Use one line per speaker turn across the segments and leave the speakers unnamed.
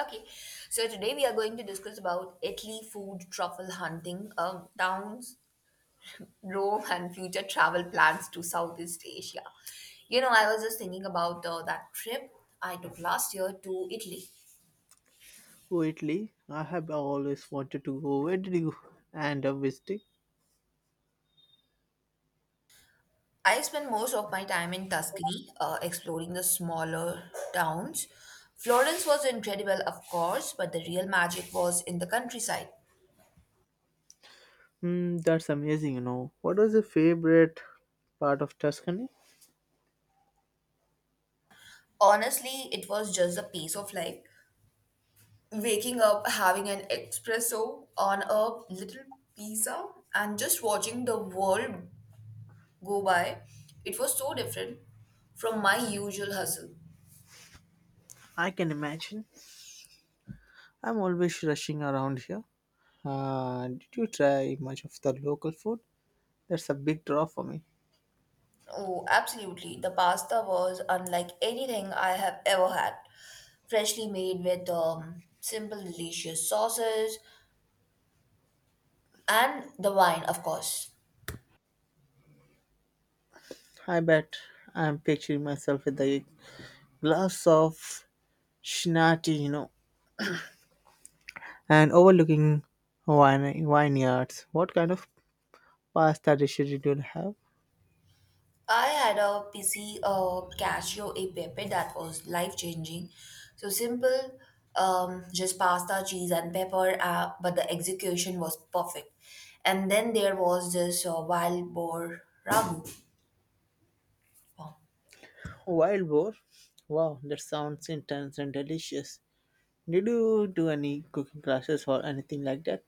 Okay, so today we are going to discuss about Italy food truffle hunting, towns, Rome, and future travel plans to Southeast Asia. I was just thinking about that trip I took last year to Italy.
Oh, Italy. I have always wanted to go. Where did you end up visiting?
I spent most of my time in Tuscany, exploring the smaller towns. Florence was incredible, of course, but the real magic was in the countryside.
Hmm, that's amazing, you know. What was your favorite part of Tuscany?
Honestly, it was just a piece of life, waking up, having an espresso on a little pizza, and just watching the world go by. It was so different from my usual hustle.
I can imagine. I'm always rushing around here. Did you try much of the local food? That's a big draw for me.
Oh, absolutely. The pasta was unlike anything I have ever had, freshly made with simple, delicious sauces, and the wine, of course.
I bet I'm picturing myself with a glass of Shinati, you know, and overlooking wine vineyards. What kind of pasta dishes did you have?
I had a PC Casio a pepe that was life-changing. So simple, just pasta, cheese, and pepper, but the execution was perfect. And then there was this wild boar ragu.
Wild boar? Wow, that sounds intense and delicious. Did you do any cooking classes or anything like that?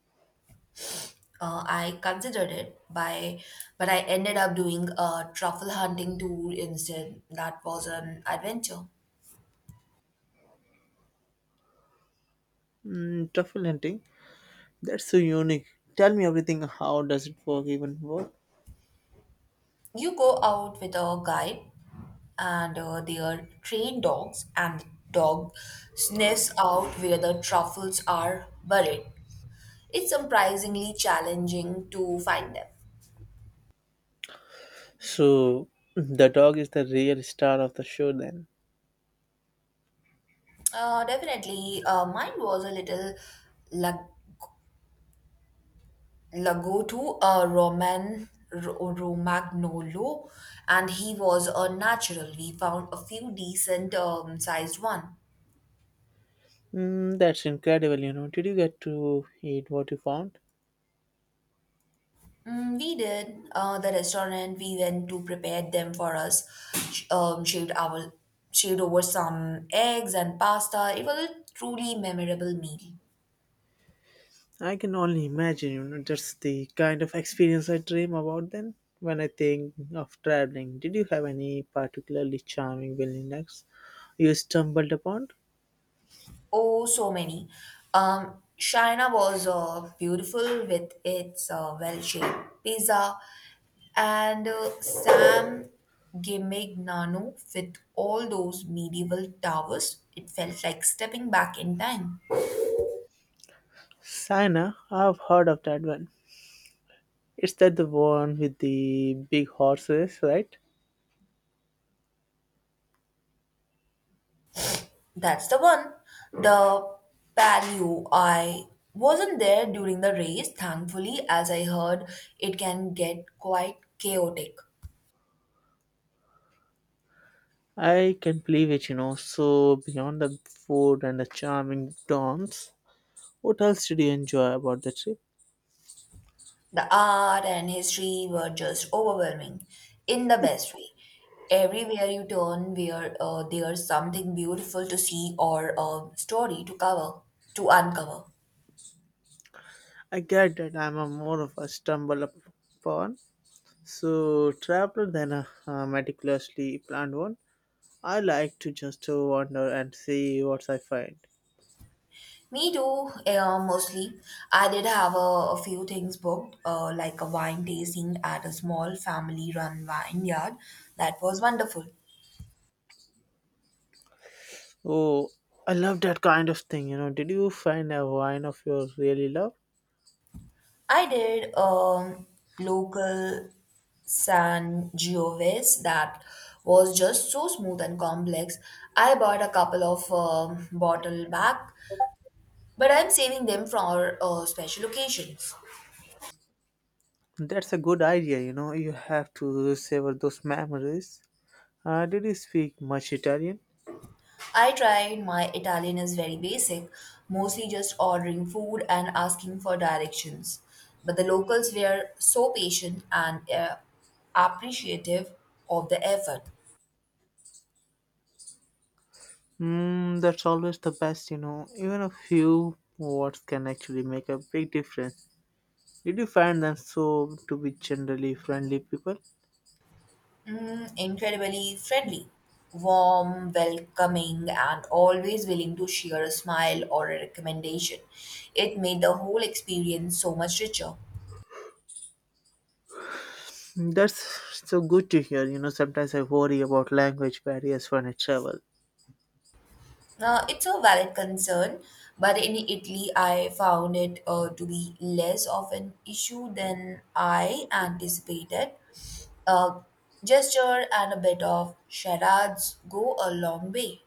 I considered it by, but I ended up doing a truffle hunting tour instead. That was an adventure.
Mm, truffle hunting? That's so unique. Tell me everything. How does it work? Even work?
You go out with a guide and their trained dogs, and the dog sniffs out where the truffles are buried. It's surprisingly challenging to find them.
So the dog is the real star of the show then.
Definitely, mine was a little lag- Lagoto, a Roman Romagnolo, and he was a natural. We found a few decent sized one.
Mm, that's incredible. You know, did you get to eat what you found?
Mm, we did. The restaurant we went to prepared them for us. Sh- Um, shaved our shaved over some eggs and pasta. It was a truly memorable meal.
I can only imagine, you know, that's the kind of experience I dream about then when I think of traveling. Did you have any particularly charming wilderness you stumbled upon?
Oh, so many. Um, China was beautiful with its well-shaped pizza, and Sam Gimignano with all those medieval towers. It felt like stepping back in time.
Sina, I've heard of that one. It's that the one with the big horses, right?
That's the one. The Palio. I wasn't there during the race, thankfully, as I heard it can get quite chaotic.
I can believe it, you know. So, beyond the food and the charming dawns, what else did you enjoy about the trip?
The art and history were just overwhelming in the best way. Everywhere you turn, where there's something beautiful to see or a story to uncover.
I get that I'm a more of a stumble upon so, traveler than a meticulously planned one. I like to just wander and see what I find.
Me too, mostly. I did have a few things booked, like a wine tasting at a small family run vineyard. That was wonderful.
Oh, I love that kind of thing, you know. Did you find a wine of your really love?
I did local San Giovese that was just so smooth and complex. I bought a couple of bottle back, but I'm saving them for special occasions.
That's a good idea, you know. You have to savor those memories. Did you speak much Italian?
I tried. My Italian is very basic, mostly just ordering food and asking for directions. But the locals were so patient and appreciative of the effort.
Mm, that's always the best, you know. Even a few words can actually make a big difference. Did you find them so to be generally friendly people?
Mm, incredibly friendly, warm, welcoming, and always willing to share a smile or a recommendation. It made the whole experience so much richer.
That's so good to hear. You know, sometimes I worry about language barriers when I travel.
It's a valid concern, but in Italy, I found it to be less of an issue than I anticipated. A gesture and a bit of charades go a long way.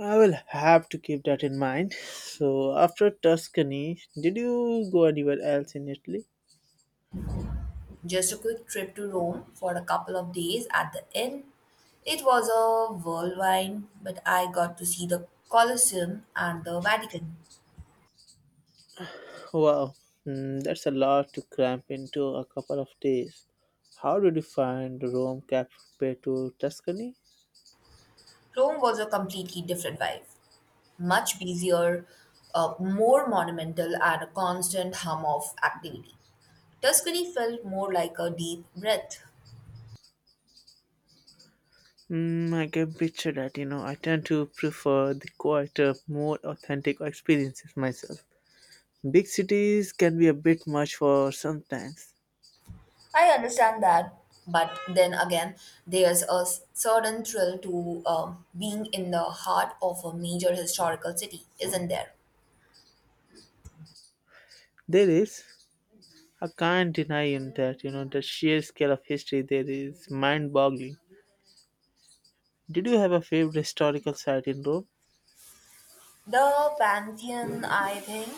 I will have to keep that in mind. So, after Tuscany, did you go anywhere else in Italy?
Just a quick trip to Rome for a couple of days at the end. It was a whirlwind, but I got to see the Colosseum and the Vatican.
Wow, mm, that's a lot to cramp into a couple of days. How did you find Rome compared to Tuscany?
Rome was a completely different vibe, much busier, more monumental, and a constant hum of activity. Tuscany felt more like a deep breath.
Mm, I can picture that. You know, I tend to prefer the quieter, more authentic experiences myself. Big cities can be a bit much for sometimes.
I understand that, but then again, there's a certain thrill to being in the heart of a major historical city, isn't there?
There is. I can't deny in that, you know, the sheer scale of history there is mind boggling. Did you have a favorite historical site in Rome?
The Pantheon, I think,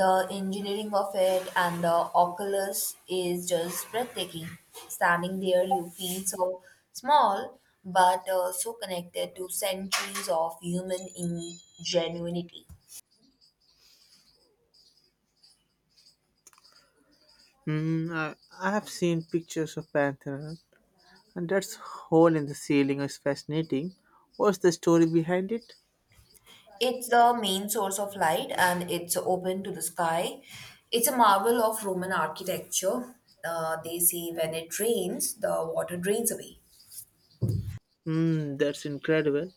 the engineering of it and the Oculus is just breathtaking. Standing there, you feel so small, but so connected to centuries of human ingenuity.
Hmm, I have seen pictures of Pantheon, and that hole in the ceiling is fascinating. What's the story behind it?
It's the main source of light, and it's open to the sky. It's a marvel of Roman architecture. They say when it rains, the water drains away.
Hmm, that's incredible.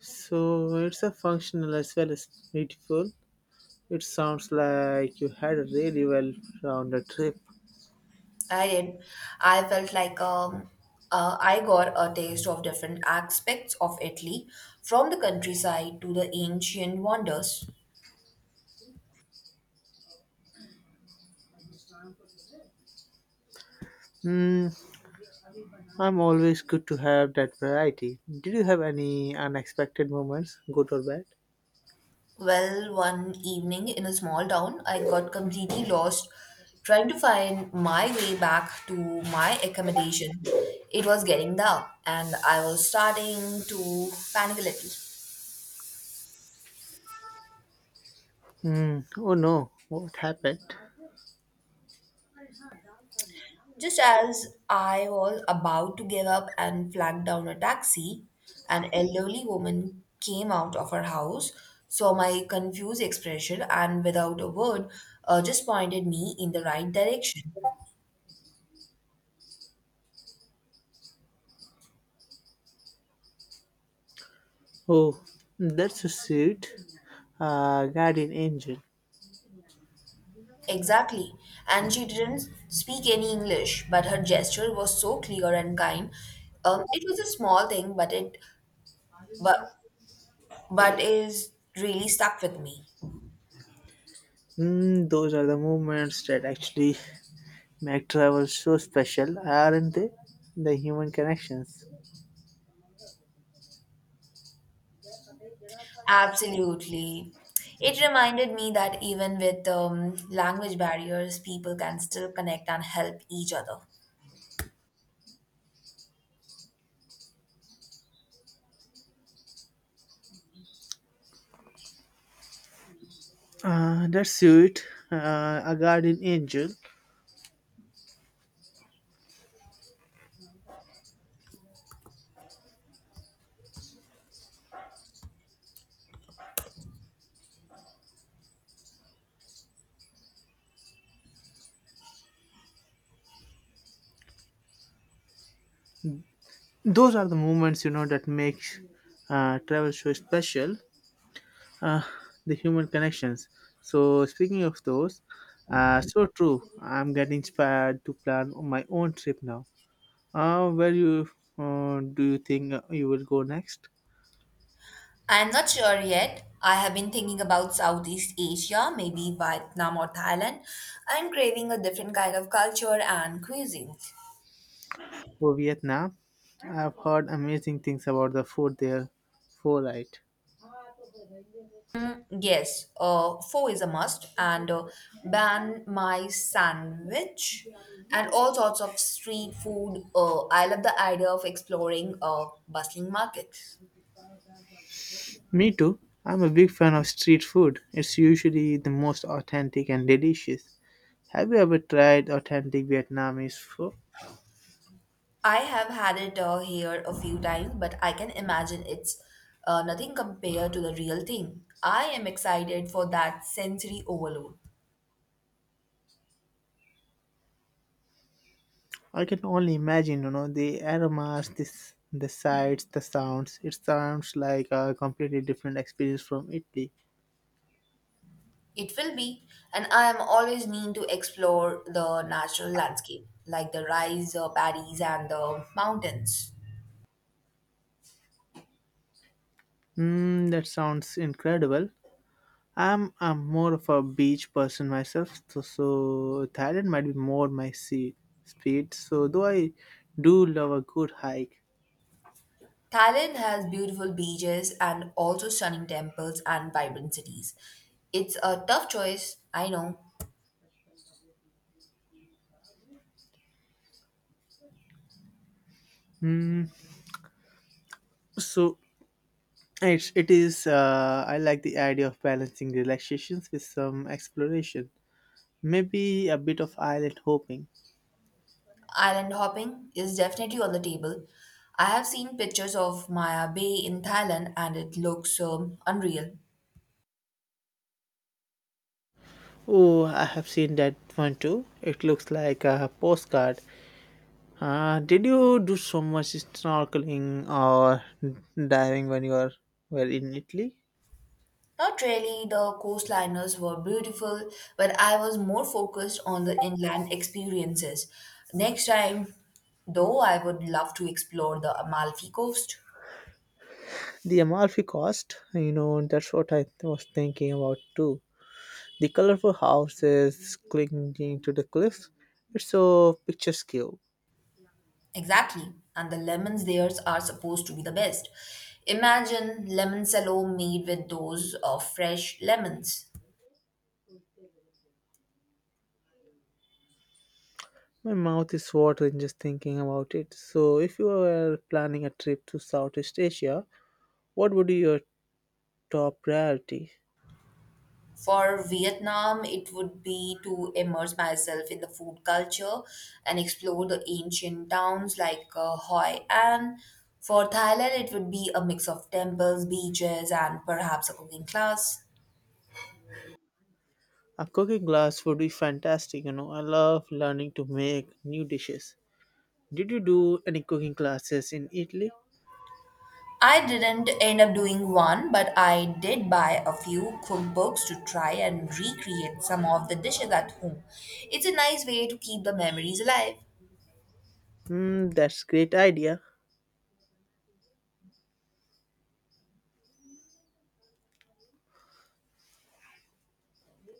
So it's a functional as well as beautiful. It sounds like you had a really well rounded trip.
I did. I felt like I got a taste of different aspects of Italy, from the countryside to the ancient wonders.
Hmm, I'm always good to have that variety. Did you have any unexpected moments, good or bad?
Well, one evening in a small town, I got completely lost trying to find my way back to my accommodation. It was getting dark, and I was starting to panic a little.
Hmm. Oh no, what happened?
Just as I was about to give up and flag down a taxi, an elderly woman came out of her house, saw my confused expression, and without a word, just pointed me in the right direction.
Oh, that's a suit. Guardian angel.
Exactly. And she didn't speak any English, but her gesture was so clear and kind. It was a small thing, but it but, but is really stuck with me.
Hmm. Those are the moments that actually make travel so special, aren't they? The human connections.
Absolutely. It reminded me that even with language barriers, people can still connect and help each other.
That's sweet. A guardian angel. Those are the moments you know that makes travel so special, uh, the human connections. So speaking of those, so true. I'm getting inspired to plan my own trip now. Where you Do you think you will go next?
I'm not sure yet. I have been thinking about Southeast Asia, maybe Vietnam or Thailand. I'm craving a different kind of culture and cuisine.
For Vietnam, I've heard amazing things about the food there. For right.
Yes, pho is a must, and ban my sandwich, and all sorts of street food. I love the idea of exploring bustling markets.
Me too. I'm a big fan of street food. It's usually the most authentic and delicious. Have you ever tried authentic Vietnamese food?
I have had it here a few times, but I can imagine it's nothing compared to the real thing. I am excited for that sensory overload.
I can only imagine, you know, the aromas, this, the sights, the sounds. It sounds like a completely different experience from Italy.
It will be, and I am always mean to explore the natural landscape, like the rice paddies and the mountains.
Mm, that sounds incredible. I'm more of a beach person myself, so, so Thailand might be more my sea speed. So though I do love a good hike.
Thailand has beautiful beaches and also stunning temples and vibrant cities. It's a tough choice, I know.
Mm, so it is. I like the idea of balancing relaxations with some exploration. Maybe a bit of island hopping.
Island hopping is definitely on the table. I have seen pictures of Maya Bay in Thailand, and it looks unreal.
Oh, I have seen that one too. It looks like a postcard. Did you do so much snorkeling or diving when were in Italy?
Not really, the coastliners were beautiful, but I was more focused on the inland experiences. Next time, though, I would love to explore the Amalfi Coast.
The Amalfi Coast, you know, that's what I was thinking about too. The colorful houses clinging to the cliffs, it's so picturesque.
Exactly, and the lemons there are supposed to be the best. Imagine lemon salad made with those of fresh lemons.
My mouth is watering just thinking about it. So, if you were planning a trip to Southeast Asia, what would be your top priority?
For Vietnam, it would be to immerse myself in the food culture and explore the ancient towns like Hoi An. For Thailand, it would be a mix of temples, beaches, and perhaps a cooking class.
A cooking class would be fantastic, you know. I love learning to make new dishes. Did you do any cooking classes in Italy?
I didn't end up doing one, but I did buy a few cookbooks to try and recreate some of the dishes at home. It's a nice way to keep the memories alive.
Hmm, that's great idea.